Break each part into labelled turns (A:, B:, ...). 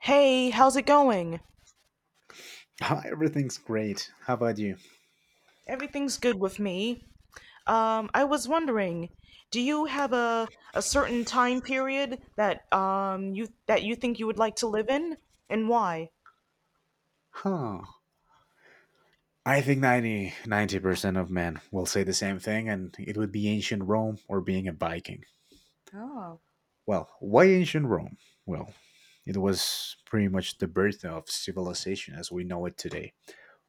A: Hey, how's it going?
B: Everything's great. How about you?
A: Everything's good with me. I was wondering, do you have a certain time period that you think you would like to live in, and why?
B: Huh. I think ninety 90% of men will say the same thing, and it would be ancient Rome or being a Viking.
A: Oh,
B: Well, why ancient Rome? Well, it was pretty much the birth of civilization as we know it today.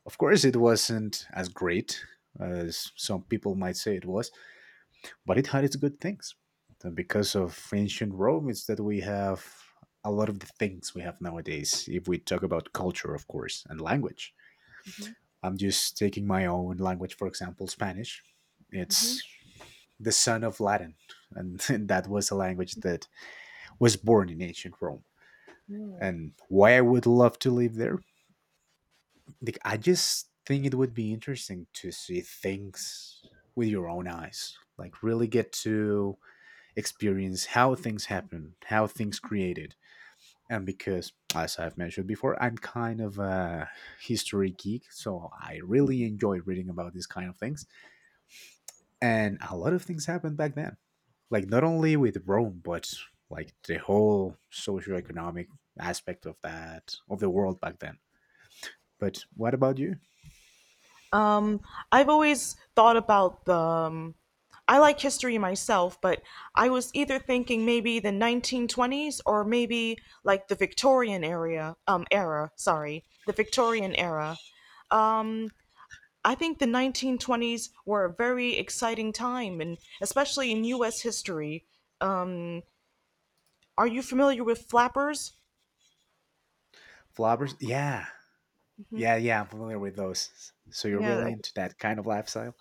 B: Of course, it wasn't as great as some people might say it was, but it had its good things. And because of ancient Rome, it's that we have a lot of the things we have nowadays, if we talk about culture, of course, and language.
A: hmm
B: I'm just taking my own language, for example, Spanish.
A: hmm
B: It's the son of Latin, and, and that was a language that was born in ancient Rome.
A: really?
B: And why I would love to live there, like, I just think it would be interesting to see things with your own eyes, like really get to experience how things happen, how things created. And because, as I've mentioned before, I'm kind of a history geek, so I really enjoy reading about these kind of things and a lot of things happened back then, like not only with rome, but like the whole socioeconomic aspect of that, of the world back then. But what about you?
A: Um, I've always thought about the. I like history myself, but I was either thinking maybe the 1920s or maybe like the Victorian era. Sorry, the Victorian era. um. I think the 1920s were a very exciting time, and especially in U.S. history. Are you familiar with flappers?
B: Flobbers, yeah. Yeah, I'm familiar with those. So you're
A: Yeah.
B: really into that kind of lifestyle.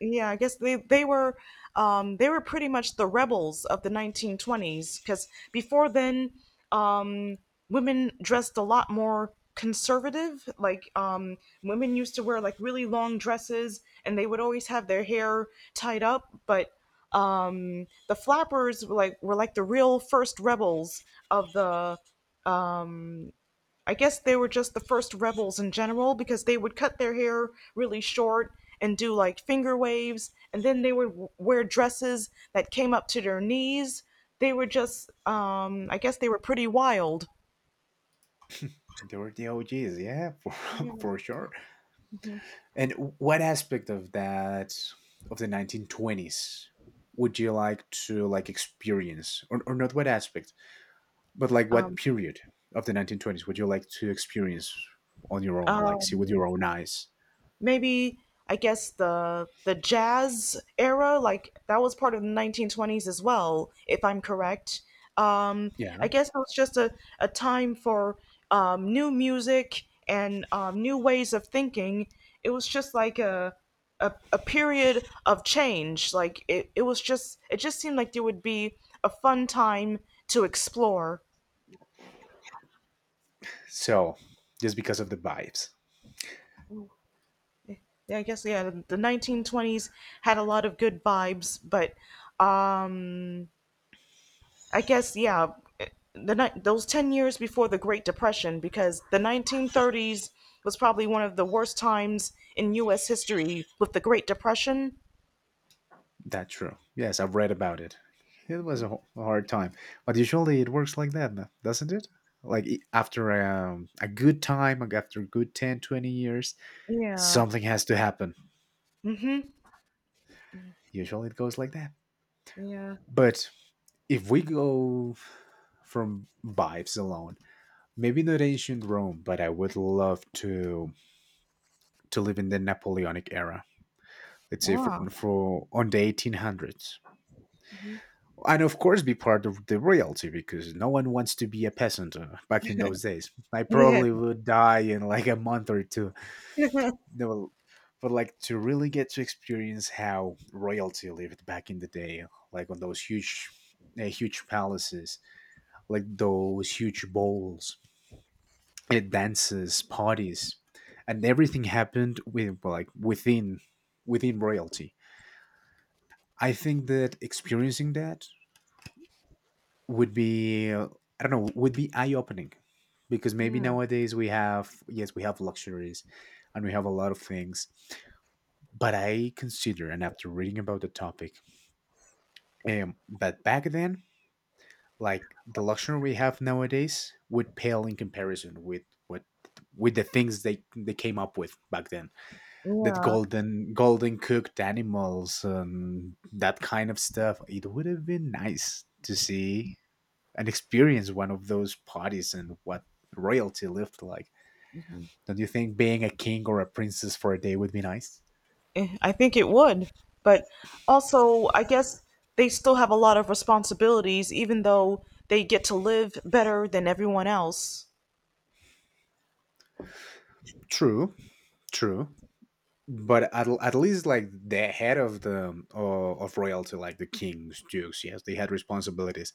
A: Yeah, I guess they were they were pretty much the rebels of the 1920s because before then, um, women dressed a lot more conservative. Women used to wear like really long dresses, and they would always have their hair tied up. But the flappers were like the real first rebels of the. I guess they were just the first rebels in general, because they would cut their hair really short and do like finger waves, and then they would wear dresses that came up to their knees. They were just, I guess they were pretty wild.
B: They were the og's, yeah, for sure. And what aspect of that, of the 1920s, would you like to like experience? Or not what aspect. But like, what
A: Um,
B: period of the 1920s would you like to experience on your own, like see with
A: um,
B: your own eyes?
A: maybe I guess the jazz era, like that was part of the 1920s as well, if I'm correct. Um,
B: Yeah.
A: I guess it was just a time for new music and new ways of thinking. It was just like a period of change. Like it was just it just seemed like there would be a fun time to explore.
B: So, just because of the vibes.
A: Yeah, I guess, yeah, the 1920s had a lot of good vibes, but um. I guess, yeah, those 10 years before the Great Depression, because the 1930s was probably one of the worst times in US history with the Great Depression.
B: That's true. Yes, I've read about it. It was a hard time, but usually it works like that, doesn't it? Like after a good time, like after a good 10, 20 years,
A: Yeah.
B: something has to happen.
A: Mhm.
B: Usually it goes like that.
A: Yeah.
B: But if we go from vibes alone, maybe not ancient Rome, but I would love to live in the Napoleonic era. Let's say
A: Wow.
B: for on the 1800s,
A: Hmm.
B: and of course be part of the royalty, because no one wants to be a peasant back in those days. I probably
A: Yeah.
B: would die in like a month or two. No, but like to really get to experience how royalty lived back in the day, like on those huge, huge palaces, like those huge bowls, dances, parties, and everything happened with like within royalty. I think that experiencing that would be, I don't know, would be eye opening, because maybe
A: Yeah.
B: nowadays we have, yes, we have luxuries and we have a lot of things. But I consider, and after reading about the topic, that back then, like the luxury we have nowadays would pale in comparison with what, with the things they came up with back then, that
A: Yeah.
B: golden cooked animals and that kind of stuff. It would have been nice to see and experience one of those parties and what royalty lived like. Don't you think being a king or a princess for a day would be nice?
A: Eh, I think it would. But also, I guess they still have a lot of responsibilities even though they get to live better than everyone else.
B: True, true. But at least like the head of the of royalty, like the kings, dukes, yes, they had responsibilities.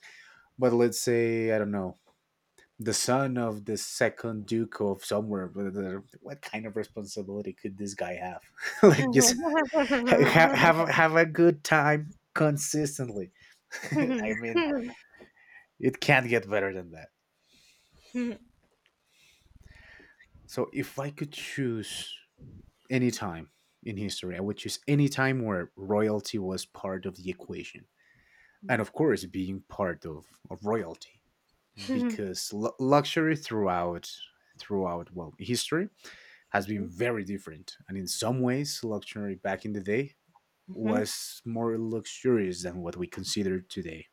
B: But let's say, I don't know, the son of the second duke of somewhere. What kind of responsibility could this guy have? Like just have a good time consistently. I mean, it can't get better than that. So if I could choose any time in history, I would choose any time where royalty was part of the equation. And of course, being part of royalty, because luxury throughout, well, history has been very different. And in some ways, luxury back in the day
A: Mhm.
B: was more luxurious than what we consider today.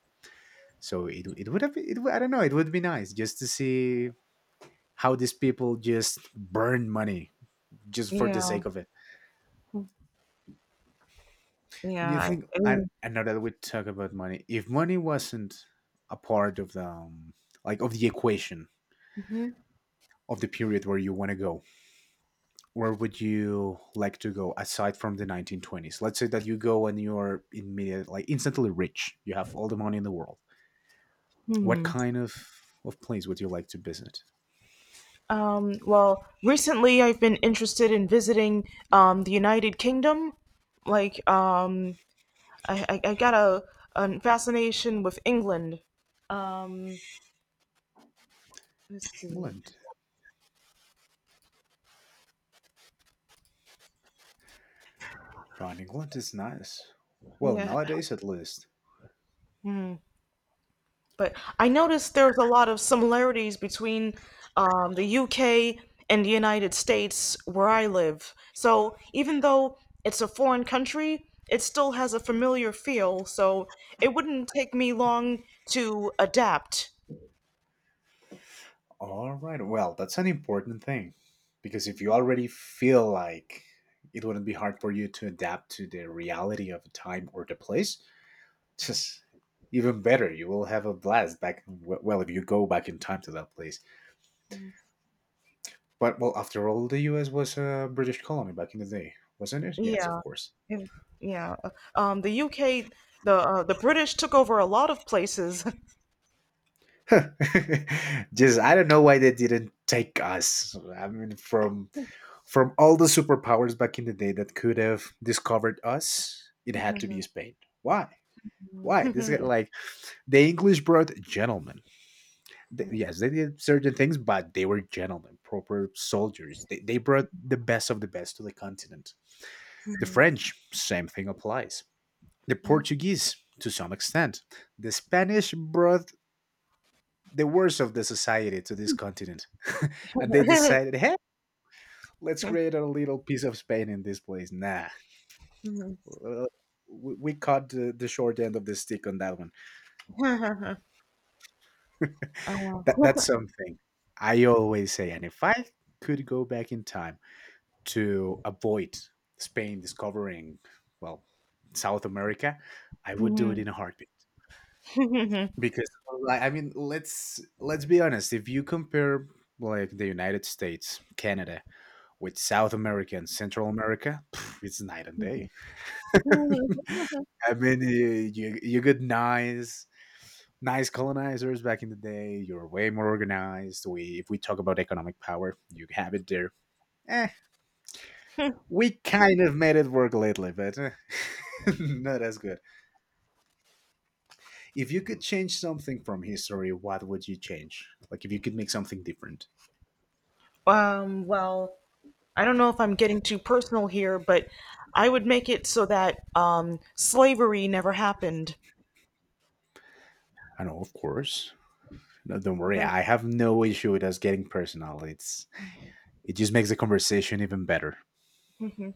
B: So it would have I don't know, it would be nice just to see how these people just burn money just for the
A: Yeah.
B: sake of it. And you
A: Yeah.
B: think,
A: I-
B: and I know that we talk about money. If money wasn't a part of the like of the equation of the period where you want to go, where would you like to go aside from the 1920s? Let's say that you go and you're immediate, like instantly rich. You have all the money in the world. What
A: Hmm.
B: kind of place would you like to visit?
A: Well, recently I've been interested in visiting, the United Kingdom. Like, I got a fascination with England. Um, let's see.
B: England. Right, England is nice. Well,
A: Yeah.
B: nowadays at least.
A: Hmm. But I noticed there's a lot of similarities between, the UK and the United States where I live. So even though it's a foreign country, it still has a familiar feel. So it wouldn't take me long to adapt.
B: All right. Well, that's an important thing, because if you already feel like it wouldn't be hard for you to adapt to the reality of a time or the place, just even better. You will have a blast back. Well, if you go back in time to that place. But well, after all, the U.S. was a British colony back in the day, wasn't it? Yes, of
A: Yeah,
B: course.
A: and- yeah. The UK, the British took over a lot of places.
B: Just I don't know why they didn't take us. I mean, from all the superpowers back in the day that could have discovered us, it had to be Spain. Why? Why? This is like the English brought gentlemen. Yes, they did certain things, but they were gentlemen, proper soldiers. They brought the best of the best to the continent. The French, same thing applies. The Portuguese, to some extent. The Spanish brought the worst of the society to this continent. And they decided, hey, let's create a little piece of Spain in this place. Nah. Uh, we caught the short end of the stick on that one. That's something I always say. And if I could go back in time to avoid Spain discovering, well, South America, I would do it in a heartbeat. Because, like, I mean, let's be honest. If you compare like the United States, Canada, with South America and Central America, pff, it's night and day. I mean, you get nice colonizers back in the day. You're way more organized. We, if we talk about economic power, you have it there. Eh, we kind of made it work lately, but eh, not as good. If you could change something from history, what would you change? Like if you could make something different.
A: Well, I don't know if I'm getting too personal here, but I would make it so that, slavery never happened.
B: I know, of course. No, don't worry.
A: Okay.
B: I have no issue with us getting personal. It's it just makes the conversation even better.
A: Mhm.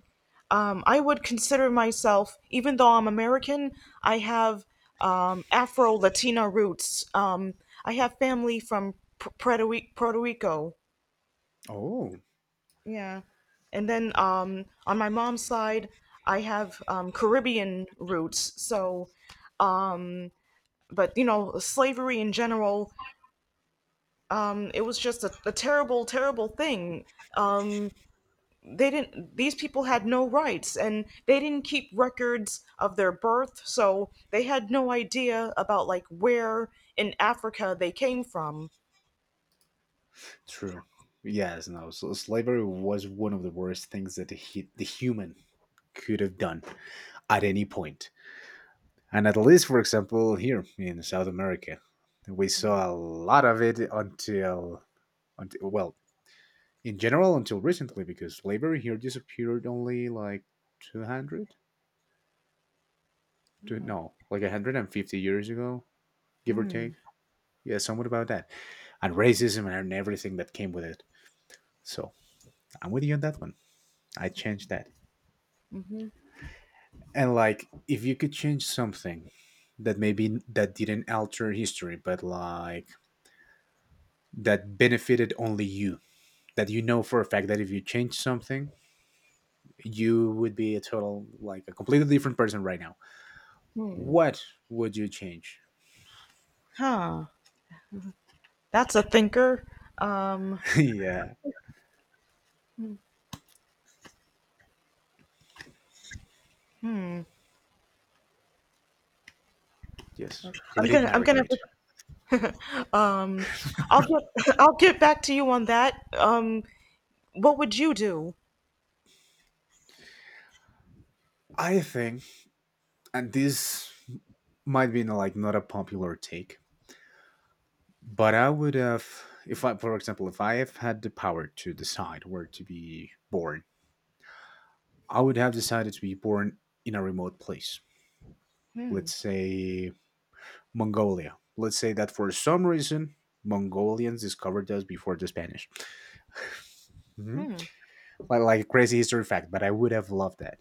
A: I would consider myself, even though I'm American, I have, Afro Latina roots. I have family from Puerto, Puerto Rico.
B: Oh.
A: Yeah. And then, on my mom's side, I have, Caribbean roots. So, but you know, slavery in general it was just a, terrible, terrible thing. Um, they didn't; these people had no rights, and they didn't keep records of their birth, so they had no idea about like where in Africa they came from.
B: True. Yes, no. So slavery was one of the worst things that the human could have done at any point. And at least, for example, here in South America, we saw a lot of it until, well, in general, until recently, because slavery here disappeared only like 200, no, like 150 years ago, give or take. Yeah, somewhat about that. And racism and everything that came with it. So I'm with you on that one. I changed that.
A: Hmm.
B: And like, if you could change something that maybe that didn't alter history, but like that benefited only you, that you know for a fact that if you change something, you would be a total like a completely different person right now. What would you change?
A: Huh? That's a thinker. Um,
B: Yeah, yes.
A: I'm
B: Let it
A: gonna, I'm gonna,
B: marinate.
A: um, I'll get, I'll get back to you on that. What would you do?
B: I think, and this might be like not a popular take, but I would have, if I, for example, if I have had the power to decide where to be born, I would have decided to be born in a remote place. Let's say Mongolia. Let's say that for some reason Mongolians discovered us before the Spanish. Mm-hmm. Like a crazy history fact, but I would have loved that,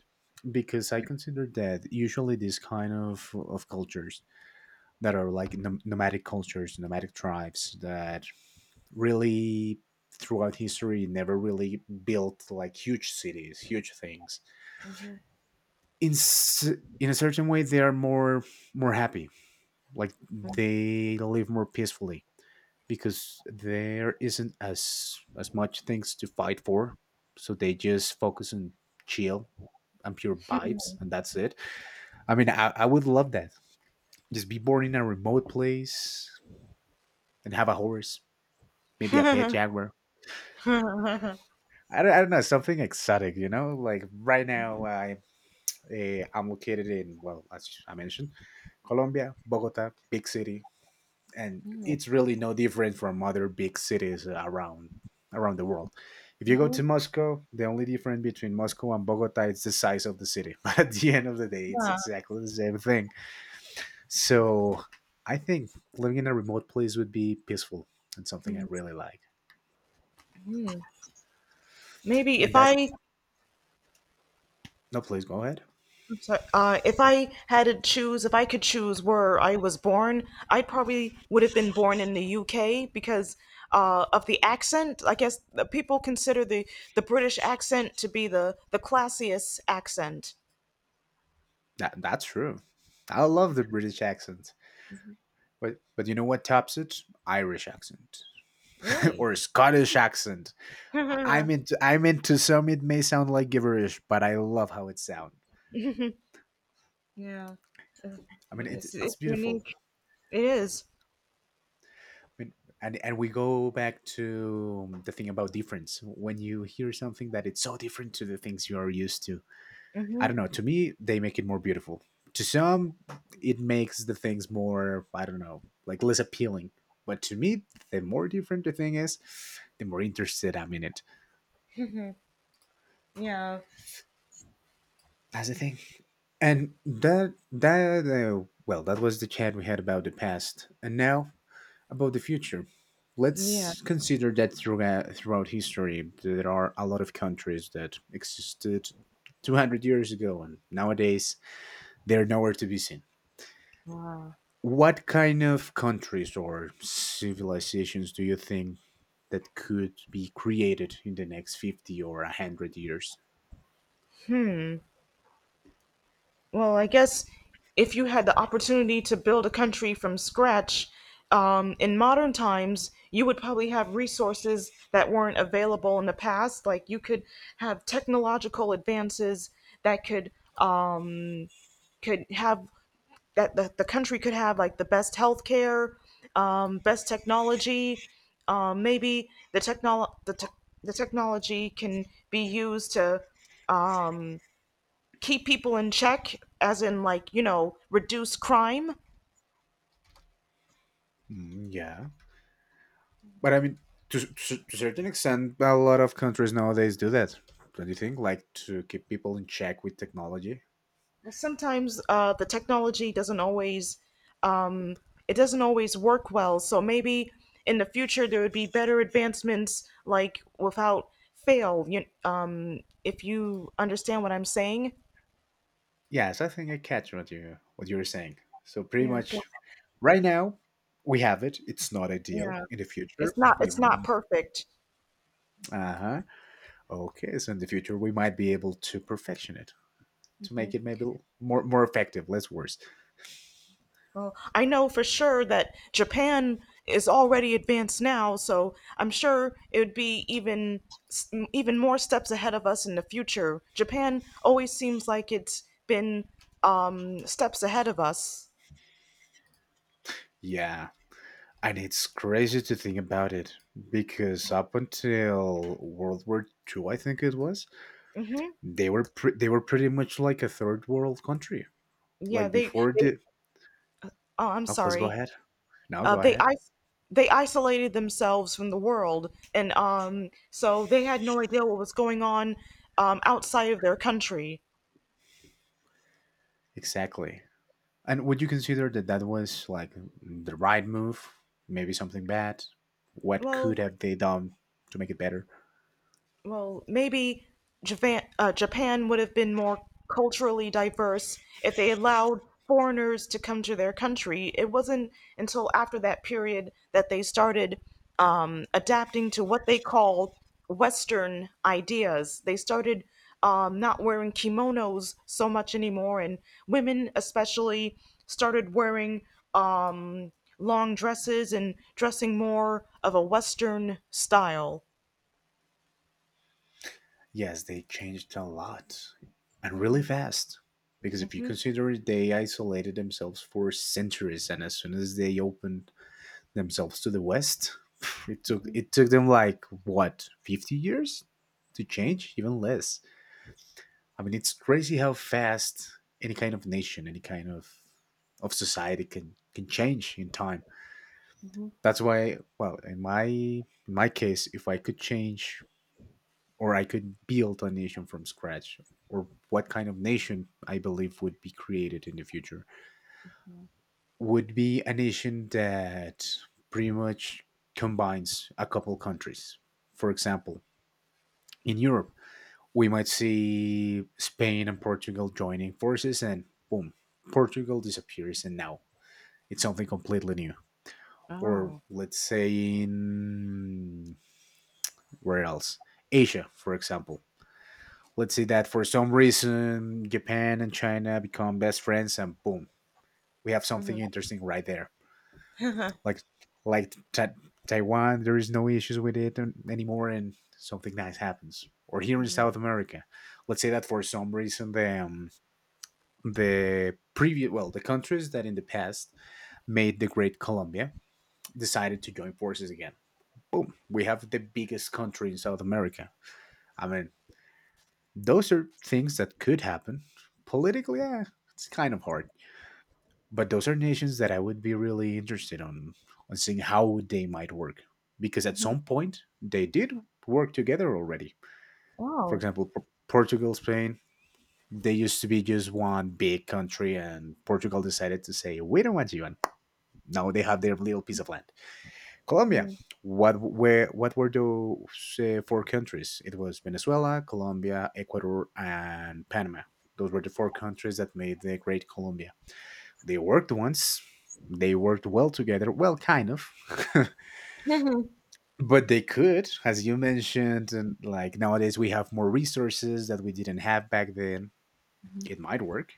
B: because I consider that usually these kind of cultures that are like nomadic cultures, nomadic tribes that really throughout history never really built like huge cities, huge things in a certain way, they are more happy, like they live more peacefully because there isn't as much things to fight for, so they just focus on chill and pure vibes, and that's it. I mean I would love that, just be born in a remote place and have a horse, maybe a pet jaguar. I don't know, something exotic, you know? Like right now I'm located in, well, as I mentioned, colombia, bogota, big city, and it's really no different from other big cities around the world. If you go
A: Mhm.
B: to Moscow, the only difference between Moscow and Bogota is the size of the city. But at the end of the day, it's
A: Yeah.
B: exactly the same thing. So I think living in a remote place would be peaceful and something I really like.
A: Maybe
B: And
A: if
B: that,
A: I
B: no, please go ahead.
A: I'm sorry. If I had to choose, if I could choose where I was born, I probably would have been born in the UK because, of the accent. I guess the people consider the British accent to be the classiest accent.
B: That that's true. I love the British accent. But you know what tops it? Irish accent.
A: Really?
B: Or Scottish accent.
A: Yeah.
B: I'm into some. It may sound like gibberish, but I love how it sounds. I mean, it's
A: It's
B: it's beautiful.
A: unique. It is.
B: I mean, and we go back to the thing about difference. When you hear something that it's so different to the things you are used to, I don't know. To me, they make it more beautiful. To some, it makes the things more, I don't know, like less appealing. But to me, the more different the thing is, the more interested I'm in it.
A: Yeah.
B: That's the thing. And that that was the chat we had about the past, and now about the future.
A: Yeah.
B: Let's consider that throughout history, there are a lot of countries that existed 200 years ago, and nowadays they're nowhere to be seen. What kind of countries or civilizations do you think that could be created in the next 50 or 100 years?
A: Well, I guess if you had the opportunity to build a country from scratch, in modern times, you would probably have resources that weren't available in the past. Like you could have technological advances that could, um, could have that the country could have like the best healthcare, best technology. Maybe the technol the, te- the technology can be used to, um, keep people in check, as in like you know reduce crime.
B: Yeah, but I mean, to a certain extent, a lot of countries nowadays do that. Don't you think? Like, to keep people in check with technology.
A: Well, sometimes, the technology doesn't always, um, it doesn't always work well. So maybe in the future there would be better advancements, like without fail. You, if you understand what I'm saying,
B: Yes, I think I catch what you're saying. So pretty
A: yeah,
B: much, right now, we have it. It's not ideal.
A: yeah.
B: In the future, we,
A: It's not perfect.
B: uh huh. Okay, so in the future, we might be able to perfection it to make it maybe more more effective, less worse.
A: Well, I know for sure that Japan is already advanced now, so I'm sure it would be even, even more steps ahead of us in the future. Japan always seems like it's been, steps ahead of us.
B: Yeah, and it's crazy to think about it because up until World War Two, I think it was, they were they were pretty much like a third world country.
A: Yeah,
B: Like,
A: they
B: before
A: they.
B: the,
A: Oh, I'm
B: oh, please go
A: sorry.
B: ahead. Now go
A: They
B: ahead.
A: I they isolated themselves from the world, and, so they had no idea what was going on, outside of their country.
B: Exactly. And would you consider that that was like the right move? Maybe something bad. What
A: Well,
B: could have they done to make it better?
A: well, maybe Japan, Japan would have been more culturally diverse if they allowed foreigners to come to their country. It wasn't until after that period that they started, adapting to what they call Western ideas. They started, not wearing kimonos so much anymore, and women especially started wearing, um, long dresses and dressing more of a Western style.
B: Yes, they changed a lot and
A: Hmm.
B: really fast. Because if you consider it, they isolated themselves for centuries, and as soon as they opened themselves to the West. It took
A: Mhm,
B: it took them like, what, 50 years to change, even less. I mean, it's crazy how fast any kind of nation, any kind of society can change in time.
A: mhm.
B: That's why, well, in my case, if I could change or I could build a nation from scratch, or what kind of nation I believe would be created in the future, would be a nation that pretty much combines a couple countries. For example, in Europe, we might see Spain and Portugal joining forces, and boom, Portugal disappears, and now it's something completely new. Or
A: Oh.
B: let's say in, where else? Asia, for example. Let's say that for some reason Japan and China become best friends, and boom, we have something
A: Mhm.
B: interesting right there. like like Taiwan, there is no issues with it anymore, and something nice happens. Or here in South America, let's say that for some reason the previous, well, the countries that in the past made the Great Colombia decided to join forces again. Boom, we have the biggest country in South America. I mean, those are things that could happen. Politically, it's kind of hard. But those are nations that I would be really interested on seeing how they might work because at
A: Mhm.
B: some point they did work together already. For example, Portugal, Spain, they used to be just one big country, and Portugal decided to say, "We don't want you," and now they have their little piece of land. Colombia, what were those 4 countries? It was Venezuela, Colombia, Ecuador, and Panama. Those were the 4 countries that made the Great Colombia. They worked once. They worked well together. Well, kind of. But they could, as you mentioned, and like, nowadays we have more resources that we didn't have back then. It might work.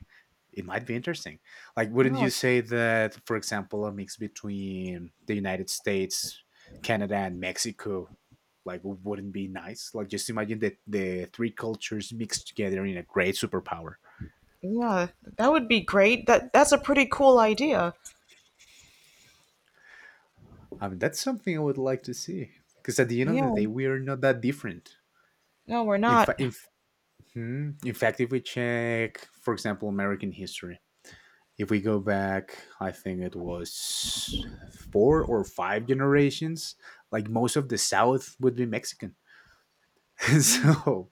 B: It might be interesting. Like, wouldn't
A: Oh,
B: you say that, for example, a mix between the United States, Canada, and Mexico, like, wouldn't be nice? Like, just imagine that the three cultures mixed together in a great superpower.
A: yeah. That would be great. That that's a pretty cool idea.
B: I mean, that's something I would like to see because at the end of the
A: Yeah.
B: day we are not that different.
A: No, we're
B: In,
A: not.
B: fa- in, f- hmm, In fact, if we check, for example, American history, if we go back, I think it was 4 or 5 generations, like most of the South would be Mexican. so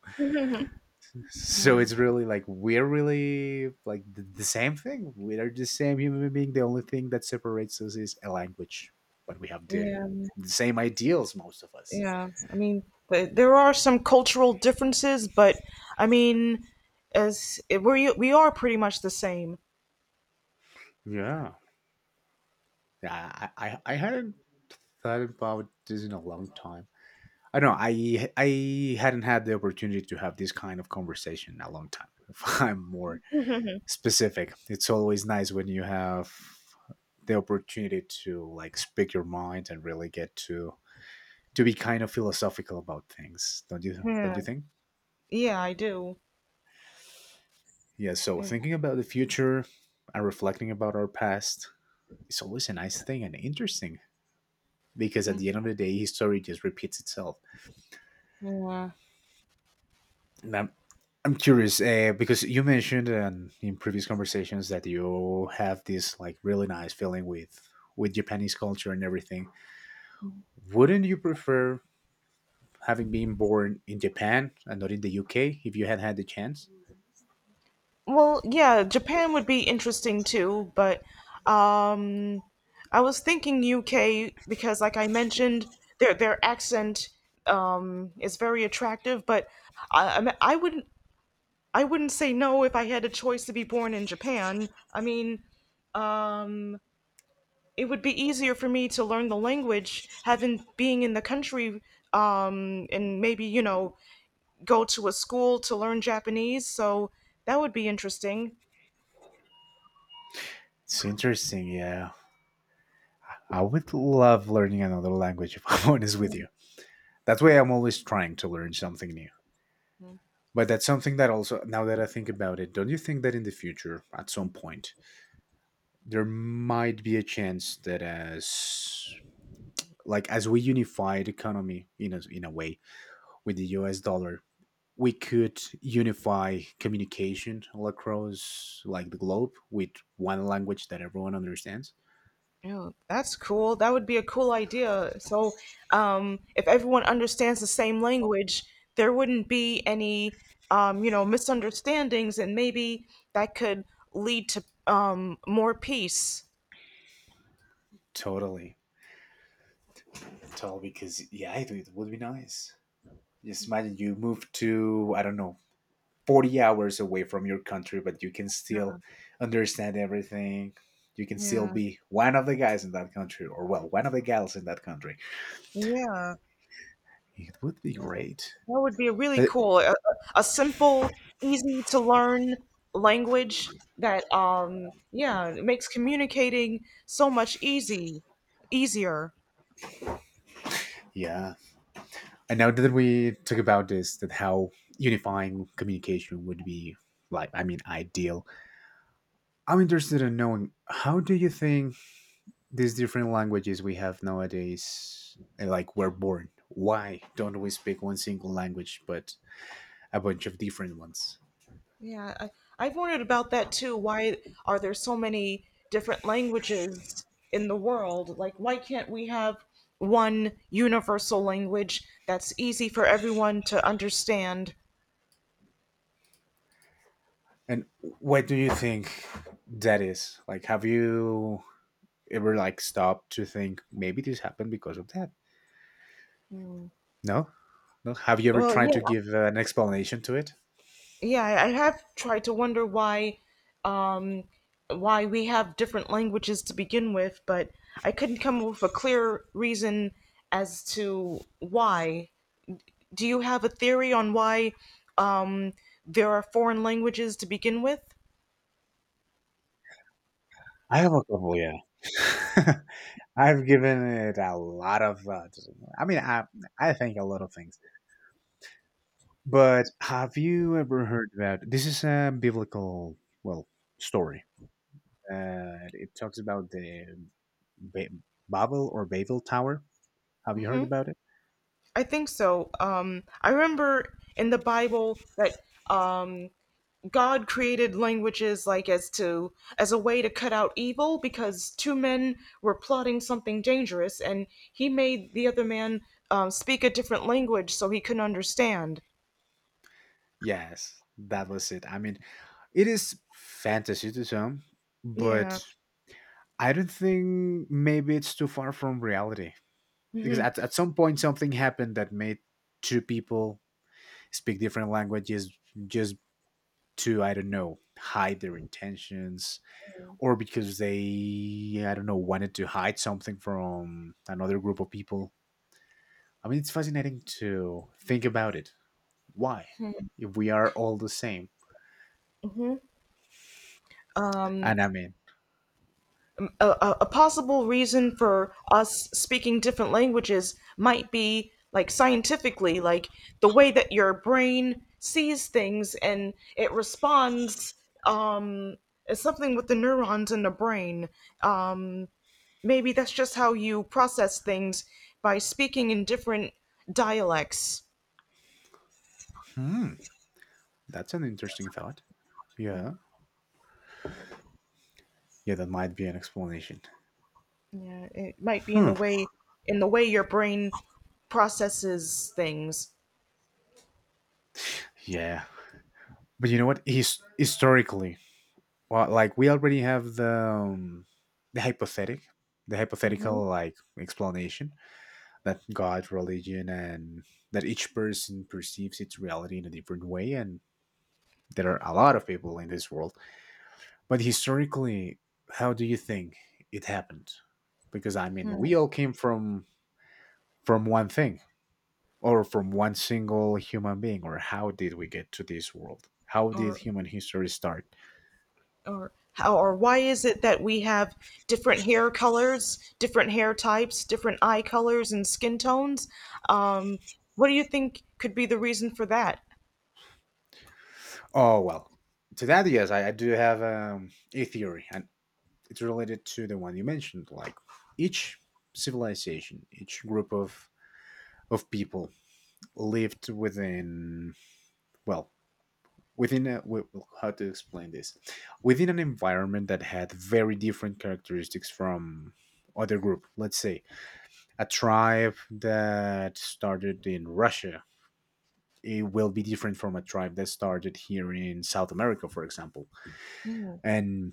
B: so it's really like, we're really like the same thing. We are the same human being. The only thing that separates us is a language, but we have
A: Yeah.
B: the same ideals, most of us.
A: Yeah. I mean, there are some cultural differences, but I mean, as we are pretty much the same.
B: Yeah, I hadn't thought about this in a long time. I don't know. I hadn't had the opportunity to have this kind of conversation in a long time. If I'm more specific, it's always nice when you have the opportunity to, like, speak your mind and really get to be kind of philosophical about things. Don't you don't
A: Yeah.
B: you think?
A: Yeah, I do.
B: Yeah, so thinking about the future and reflecting about our past is always a nice thing and interesting because at the end of the day history just repeats itself.
A: Yeah.
B: And I'm, I'm curious because you mentioned in previous conversations that you have this, like, really nice feeling with Japanese culture and everything. Wouldn't you prefer having been born in Japan and not in the UK if you had had the chance?
A: Well, yeah, Japan would be interesting too, but, um, I was thinking UK because, like I mentioned, their accent, is very attractive. But mean, I wouldn't say no if I had a choice to be born in Japan. I mean, um, it would be easier for me to learn the language having being in the country, and maybe you know go to a school to learn Japanese. So that would be interesting.
B: It's interesting, yeah. I would love learning another language if, I'm honest with you. That's why I'm always trying to learn something new. But that's something that also, now that I think about it, don't you think that in the future, at some point, there might be a chance that as, like, as we unified economy in a way with the US dollar, we could unify communication all across, like, the globe with one language that everyone understands.
A: Yeah, that's cool. That would be a cool idea. So, if everyone understands the same language, there wouldn't be any, you know, misunderstandings, and maybe that could lead to, more peace.
B: Totally, totally. Because yeah, it would be nice. Just imagine you move to, I don't know, 40 hours away from your country, but you can still understand everything. You can still
A: Yeah,
B: be one of the guys in that country, or well, one of the gals in that country.
A: yeah,
B: It would be
A: yeah.
B: great.
A: That would be really
B: But,
A: cool. A simple, easy to learn language that, yeah, makes communicating so much easy, easier.
B: yeah, and now that we talk about this, that how unifying communication would be, like, I mean, ideal. I'm interested in knowing, how do you think these different languages we have nowadays, like, were born? Why don't we speak one single language but a bunch of different ones?
A: Yeah, I've wondered about that too. Why are there so many different languages in the world? Like, why can't we have one universal language that's easy for everyone to understand?
B: And what do you think that is? Like, have you ever, like, stopped to think, maybe this happened because of that? No? No? Have you ever
A: Well,
B: tried to give an explanation to it?
A: yeah, I have tried to wonder um, why we have different languages to begin with, but I couldn't come up with a clear reason as to why. Do you have a theory on why, um, there are foreign languages to begin with?
B: I have a couple, yeah. I've given it a lot of thought. I mean, I think a lot of things. But have you ever heard about this? Is a biblical, well, story. It talks about the ba- Babel or Babel Tower. Have you heard about it?
A: I think so. I remember in the Bible that, um, God created languages like as a way to cut out evil because two men were plotting something dangerous, and he made the other man, speak a different language so he couldn't understand.
B: Yes, that was it. I mean, it is fantasy to some,
A: Yeah.
B: but I don't think maybe it's too far from reality because at some point something happened that made two people speak different languages just to, I don't know, hide their intentions or because they, I don't know, wanted to hide something from another group of people. I mean, it's fascinating to think about it. Why? If we are all the same.
A: Um,
B: And I mean,
A: a possible reason for us speaking different languages might be like scientifically like the way that your brain sees things and it responds, um it's something with the neurons in the brain um Maybe that's just how you process things by speaking in different dialects,
B: hmm. That's an interesting thought. Yeah. Yeah, that might be an explanation.
A: yeah it might be
B: Hmm.
A: in the way your brain processes things.
B: Yeah. But you know what? Historically, well, like, we already have the the
A: Hmm.
B: hypothetical, like, explanation that God, religion, and that each person perceives its reality in a different way, and there are a lot of people in this world. But historically, how do you think it happened? Because I mean, we all came from one thing. Or from one single human being, or how did we get to this world? How did
A: or
B: human history start?
A: or how or why is it that we have different hair colors, different hair types, different eye colors and skin tones? Um, what do you think could be the reason for that?
B: Oh, well, to that, yes, I do have a theory, and it's related to the one you mentioned. Like, each civilization, each group of people lived within, well, within a, well, how to explain this, within an environment that had very different characteristics from other group. Let's say a tribe that started in Russia, it will be different from a tribe that started here in South America, for example.
A: Hmm,
B: And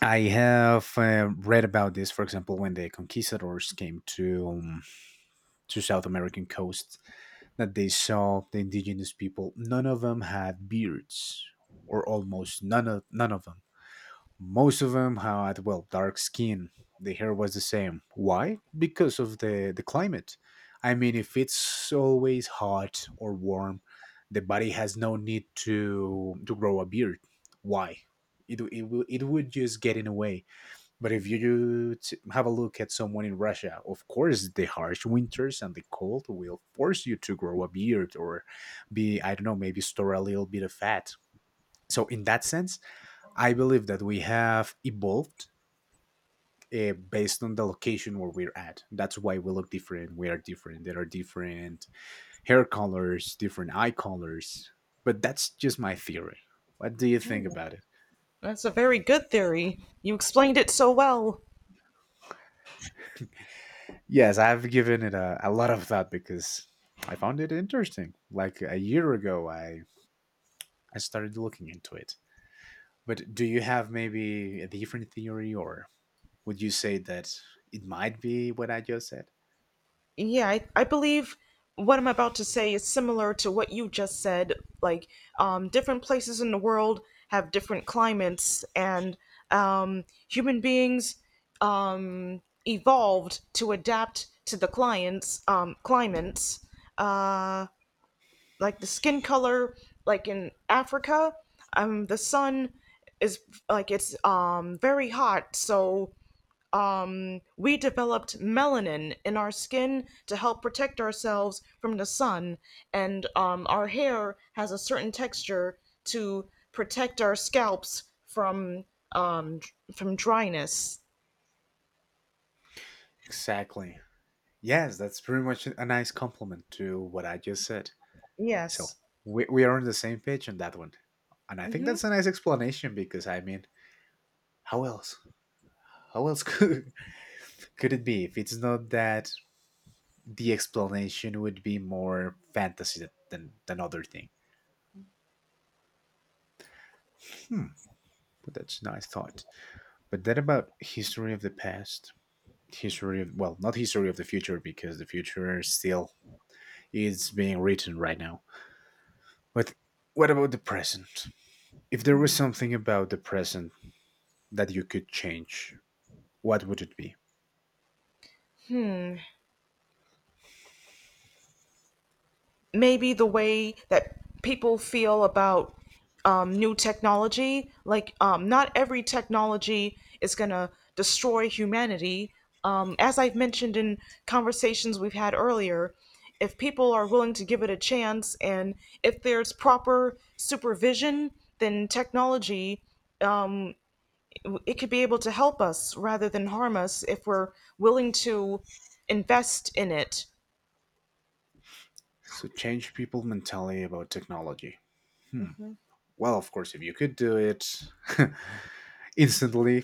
B: I have read about this, for example, when the conquistadors came to South American coast, that they saw the indigenous people. None of them had beards, or almost none of them, most of them had, well, dark skin. The hair was the same. Why? Because of the climate. I mean, if it's always hot or warm, the body has no need to grow a beard. Why? It would just get in the way. But if you have a look at someone in Russia, of course, the harsh winters and the cold will force you to grow a beard or be, I don't know, maybe store a little bit of fat. So, in that sense, I believe that we have evolved based on the location where we're at. That's why we look different. We are different. There are different hair colors, different eye colors. But that's just my theory. What do you think about it?
A: that's a very good theory. You explained it so well.
B: Yes, I've given it a lot of thought because I found it interesting. Like a year ago, I started looking into it. But do you have maybe a different theory, or would you say that it might be what I just said?
A: Yeah, I believe what I'm about to say is similar to what you just said. Like, different places in the world have different climates, and, human beings, evolved to adapt to the clients climates. Uh, like the skin color, like in Africa, the sun is like it's very hot, so we developed melanin in our skin to help protect ourselves from the sun, and, our hair has a certain texture to protect our scalps from, um, from dryness.
B: Exactly. Yes, that's pretty much a nice compliment to what I just said.
A: Yes.
B: So we are on the same page on that one. And I think that's a nice explanation because, I mean, how else? How else could it be if it's not that the explanation would be more fantasy than, than other thing? Hmm, but that's a nice thought. But then about history of the past, history of, well, not history of the future because the future still is being written right now. But what about the present? If there was something about the present that you could change, what would it be?
A: Maybe the way that people feel about, new technology. Like, not every technology is going to destroy humanity. As I've mentioned in conversations we've had earlier, if people are willing to give it a chance and if there's proper supervision, then technology it could be able to help us rather than harm us if we're willing to invest in it.
B: So change people mentality about technology. Hmm. Well, of course, if you could do it instantly,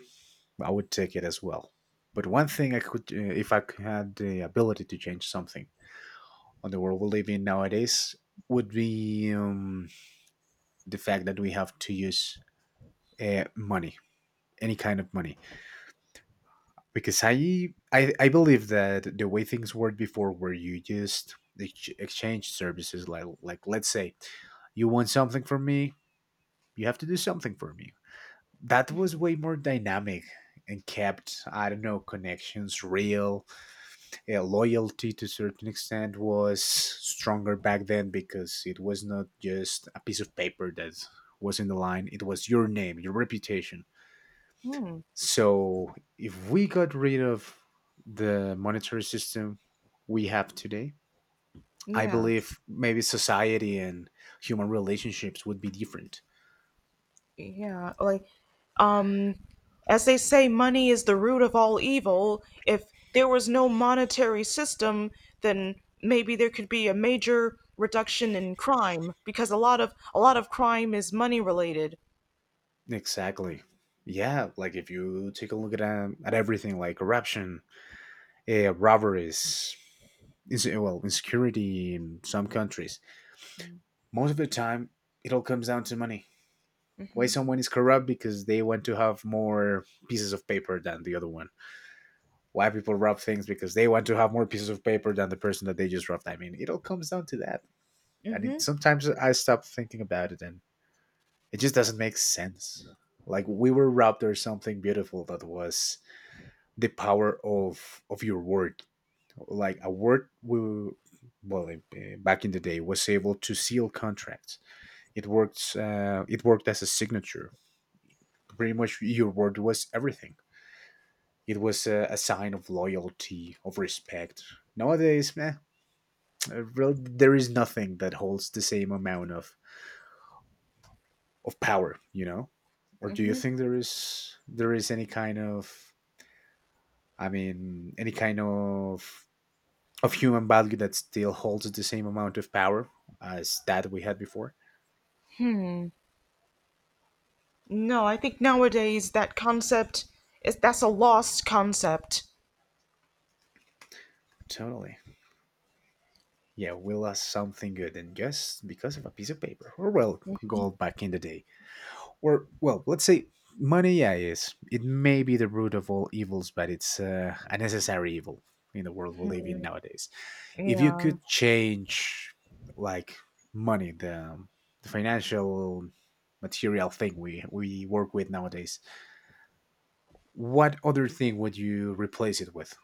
B: I would take it as well. But one thing I could, if I had the ability to change something on the world we live in nowadays, would be the fact that we have to use money, any kind of money because I believe that the way things worked before, where you just exchange services, like let's say you want something from me, you have to do something for me. That was way more dynamic and kept, I don't know, connections real. Loyalty to a certain extent was stronger back then because it was not just a piece of paper that was in the line. It was your name, your reputation, so if we got rid of the monetary system we have today, I
A: Yeah.
B: believe maybe society and human relationships would be different.
A: Yeah, like, um, as they say, money is the root of all evil. If there was no monetary system, then maybe there could be a major reduction in crime because a lot of crime is money related.
B: Exactly. Yeah, like if you take a look at everything like corruption, robberies, is well insecurity in some countries. Most of the time, it all comes down to money. Why someone is corrupt? Because they want to have more pieces of paper than the other one. Why people rob things? Because they want to have more pieces of paper than the person that they just robbed. I mean, it all comes down to that. And it,
A: Hmm.
B: sometimes I stop thinking about it and it just doesn't make sense. Like we were robbed or something beautiful that was the power of your word. Like a word we well back in the day was able to seal contracts. It worked as a signature. Pretty much your word was everything. It was a sign of loyalty, of respect. Nowadays, man, Uh, there is nothing that holds the same amount of power, you know. Or do you think there is any kind of, I mean, any kind of human value that still holds the same amount of power as that we had before?
A: No, I think nowadays that concept is that's a lost concept.
B: Totally. Yeah, we lost something good and just because of a piece of paper. Or well, gold back in the day. Or well, let's say money, yeah, is it may be the root of all evils, but it's a necessary evil in the world we live in nowadays. If you
A: Yeah.
B: could change, like, money, the financial material thing we work with nowadays, what other thing would you replace it with?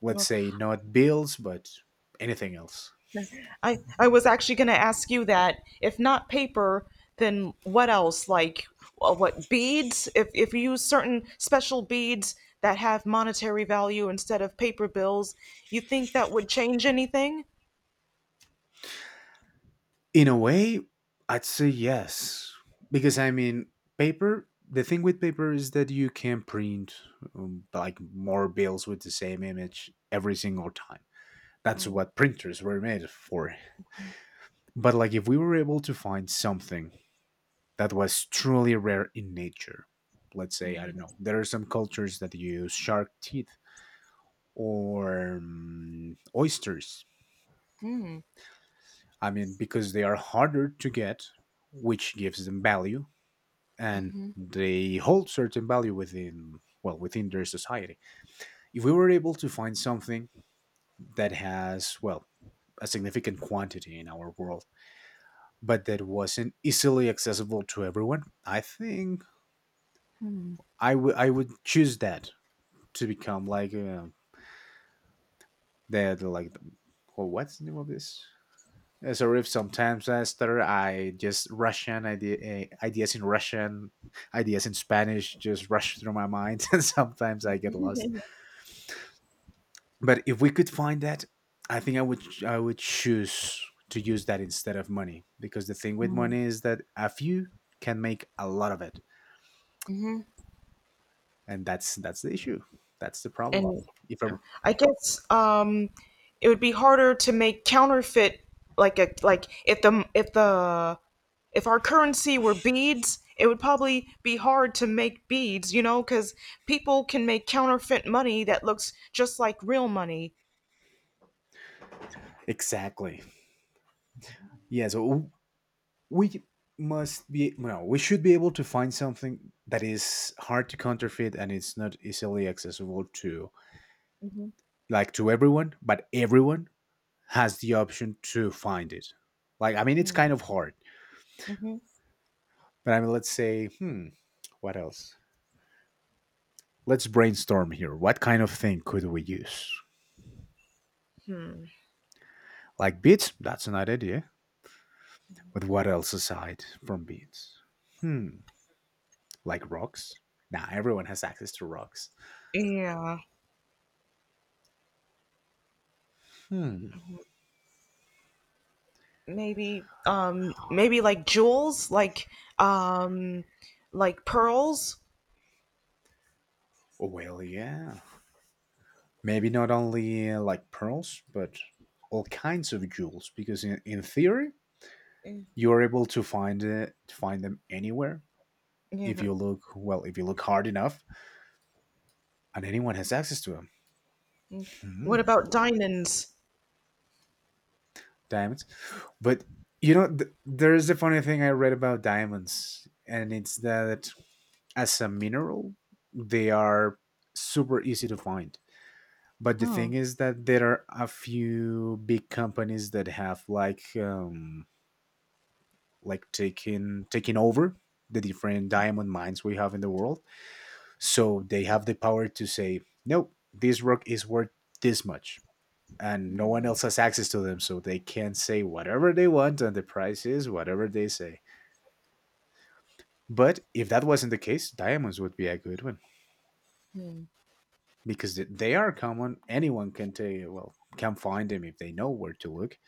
B: Let's
A: Well,
B: say not bills but anything else.
A: I was actually going to ask you that. If not paper, then what else? Like, what beads? If you use certain special beads that have monetary value instead of paper bills, you think that would change anything?
B: In a way, I'd say yes because I mean, paper, the thing with paper is that you can print like more bills with the same image every single time. That's what printers were made for. But like if we were able to find something that was truly rare in nature. Let's say, I don't know, there are some cultures that use shark teeth or oysters.
A: Mm-hmm.
B: I mean, because they are harder to get, which gives them value and they hold certain value within, well, within their society. If we were able to find something that has, well, a significant quantity in our world, but that wasn't easily accessible to everyone, I think I would choose that to become like that, like, well, what's the name of this? Sorry if sometimes I stutter. I just Russian idea, ideas in Russian, ideas in Spanish just rush through my mind, and sometimes I get lost. But if we could find that, I think I would choose to use that instead of money because the thing with money is that a few can make a lot of it, and that's the issue. That's the problem.
A: And
B: If I,
A: I guess, it would be harder to make counterfeit like a like if the if the if our currency were beads, it would probably be hard to make beads, you know, because people can make counterfeit money that looks just like real money.
B: exactly, yeah. So we must be no we should be able to find something that is hard to counterfeit and it's not easily accessible to,
A: Hmm.
B: like, to everyone, but everyone has the option to find it, like, I mean, it's
A: Hmm.
B: kind of hard.
A: Hmm.
B: But I mean, let's say, hmm, what else? Let's brainstorm here. What kind of thing could we use?
A: Hmm.
B: Like beads? That's an idea. But what else aside from beads? Hmm, like rocks. Now nah, everyone has access to rocks.
A: Yeah.
B: Hmm.
A: Maybe maybe like jewels, like, um like pearls.
B: Well, yeah. Maybe not only like pearls, but all kinds of jewels. Because in theory, you are able to find it, to find them anywhere if
A: Yeah.
B: you look well, if you look hard enough, and anyone has access to them.
A: Mm. What
B: Hmm,
A: about diamonds?
B: diamonds, but you know, there is a funny thing I read about diamonds, and it's that as a mineral, they are super easy to find. But the
A: Hmm.
B: thing is that there are a few big companies that have like taking over the different diamond mines we have in the world. So they have the power to say, nope, this rock is worth this much. And no one else has access to them, so they can say whatever they want, and the price is whatever they say. But if that wasn't the case, diamonds would be a good one
A: Hmm.
B: because they are common. Anyone can take, well, can find them if they know where to look.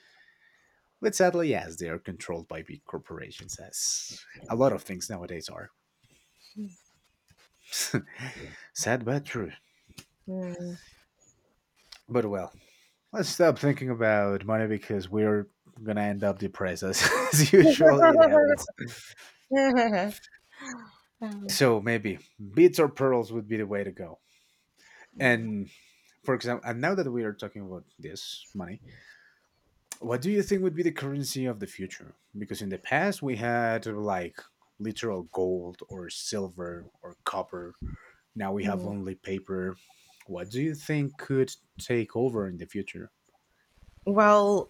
B: But sadly, yes, they are controlled by big corporations, as a lot of things nowadays are. Sad but true. But well, let's stop thinking about money because we're gonna end up depressed as, as
A: 呵呵
B: usual.
A: 呵
B: It
A: 呵呵
B: happens.
A: 呵，嗯嗯嗯。
B: So maybe beads or pearls would be the way to go. And for example, and now that we are talking about this money, what do you think would be the currency of the future? Because in the past we had like literal gold or silver or copper. Now we have only paper. What do you think could take over in the future?
A: Well,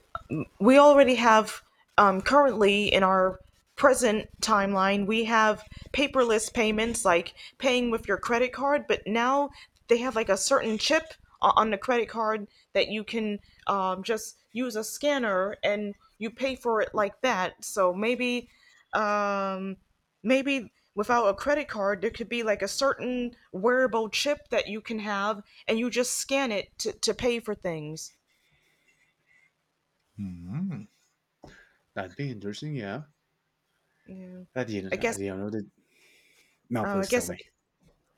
A: we already have, currently in our present timeline, we have paperless payments like paying with your credit card, but now they have like a certain chip on the credit card that you can, just use a scanner and you pay for it like that. So maybe, um, maybe without a credit card, there could be like a certain wearable chip that you can have and you just scan to pay for things.
B: Mm. That'd be interesting, yeah.
A: Yeah.
B: I
A: I
B: didn't. I
A: guess,
B: didn't know that. Now,
A: uh, I
B: please tell
A: guess
B: me.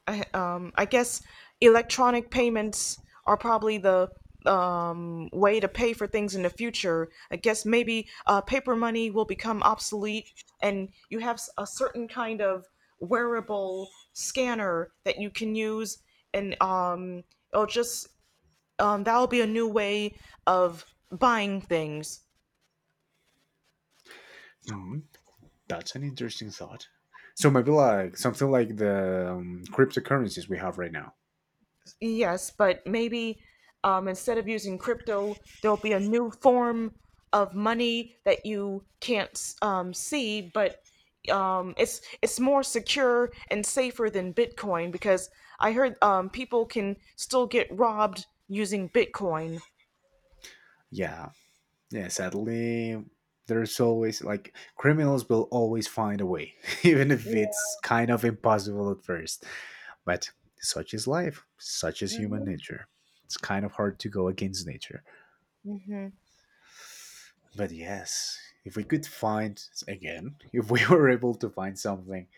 A: I, um I guess electronic payments are probably the, way to pay for things in the future. I guess maybe paper money will become obsolete and you have a certain kind of wearable scanner that you can use and, it'll just that'll be a new way of buying things.
B: Hmm, that's an interesting thought. So maybe like something like the cryptocurrencies we have right now.
A: Yes, but maybe, instead of using crypto, there'll be a new form of money that you can't, see, but, it's more secure and safer than Bitcoin because I heard, people can still get robbed using Bitcoin,
B: Yeah, yeah. Sadly, there's always like criminals will always find a way, even if it's kind of impossible at first. But such is life. Such is human nature. It's kind of hard to go against nature. But yes, if we could find again, if we were able to find something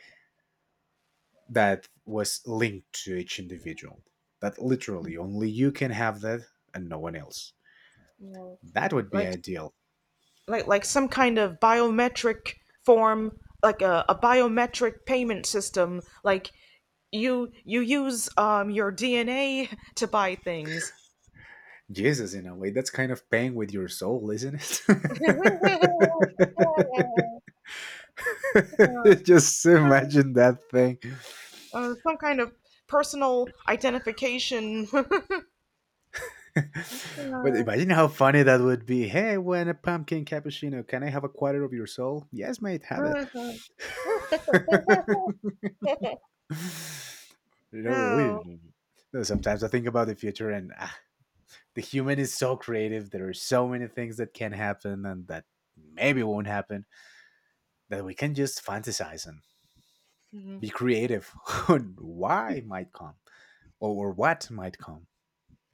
B: that was linked to each individual. That literally only you can have that and no one else. That would be
A: like
B: ideal.
A: some kind of biometric form, like a biometric payment system, like you use, your DNA to buy things.
B: Jesus, in a way, that's kind of paying with your soul, isn't it? Just imagine that thing.
A: Uh, some kind of personal identification.
B: But imagine how funny that would be. Hey, when a pumpkin cappuccino, can I have a quarter of your soul? Yes, mate, have it. You know,
A: Oh,
B: we- no, sometimes I think about the future and ah, the human is so creative. There are so many things that can happen and that maybe won't happen that we can just fantasize and
A: mhm,
B: be creative on why might come or what might come.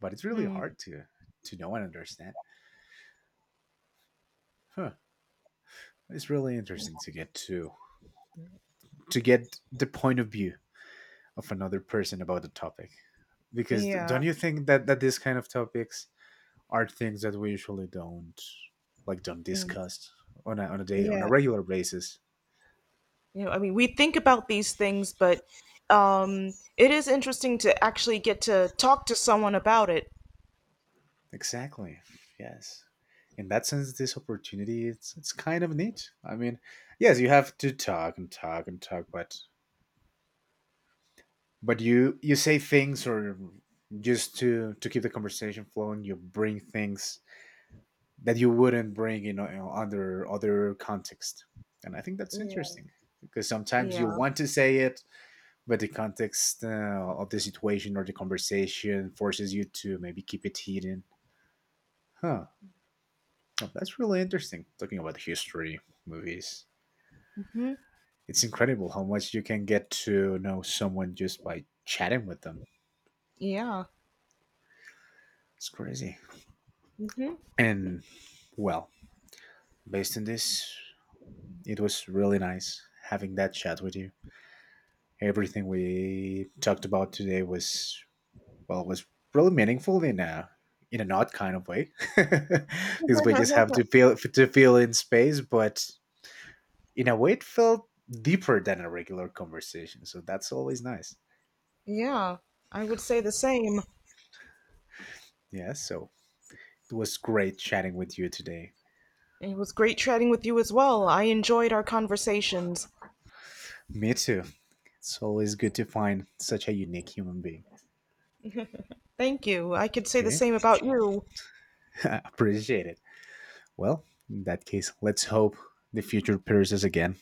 B: But it's really
A: hmm,
B: hard to know and understand. Huh. It's really interesting to get to get the point of view of another person about the topic. Because
A: yeah,
B: don't you think that these kind of topics are things that we usually don't, like, don't
A: mm,
B: discuss on a day on a
A: yeah.
B: regular basis?
A: You know, I mean, we think about these things, but, it is interesting to actually get to talk to someone about it.
B: Exactly. Yes. In that sense, this opportunity it's kind of neat. I mean, yes, you have to talk and talk and talk, but you say things or just to keep the conversation flowing, you bring things that you wouldn't bring in, you know, under other context, and I think that's
A: Yeah,
B: interesting because sometimes
A: yeah,
B: you want to say it, but the context of the situation or the conversation forces you to maybe keep it hidden. Huh. Oh, that's really interesting. Talking about history movies,
A: hmm
B: it's incredible how much you can get to know someone just by chatting with them.
A: yeah,
B: It's crazy.
A: hmm
B: And well, based on this, it was really nice having that chat with you. Everything we talked about today was well was really meaningful in a in an odd kind of way because we just have to feel in space, but in a way, it felt deeper than a regular conversation. So that's always nice.
A: yeah. I would say the same.
B: Yeah, so it was great chatting with you today.
A: It was great chatting with you as well. I enjoyed our conversations.
B: Me too. It's always good to find such a unique human being.
A: Thank you. I could say the
B: Okay,
A: same about you.
B: appreciate it. Well, in that case, let's hope the future pairs us again.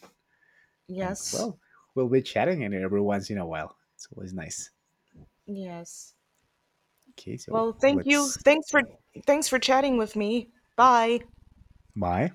B: And
A: Yes,
B: well, we'll be chatting in every once in a while. It's always nice.
A: yes.
B: Okay, so
A: Well, thank you.
B: let's.
A: Thanks for chatting with me. Bye.
B: Bye.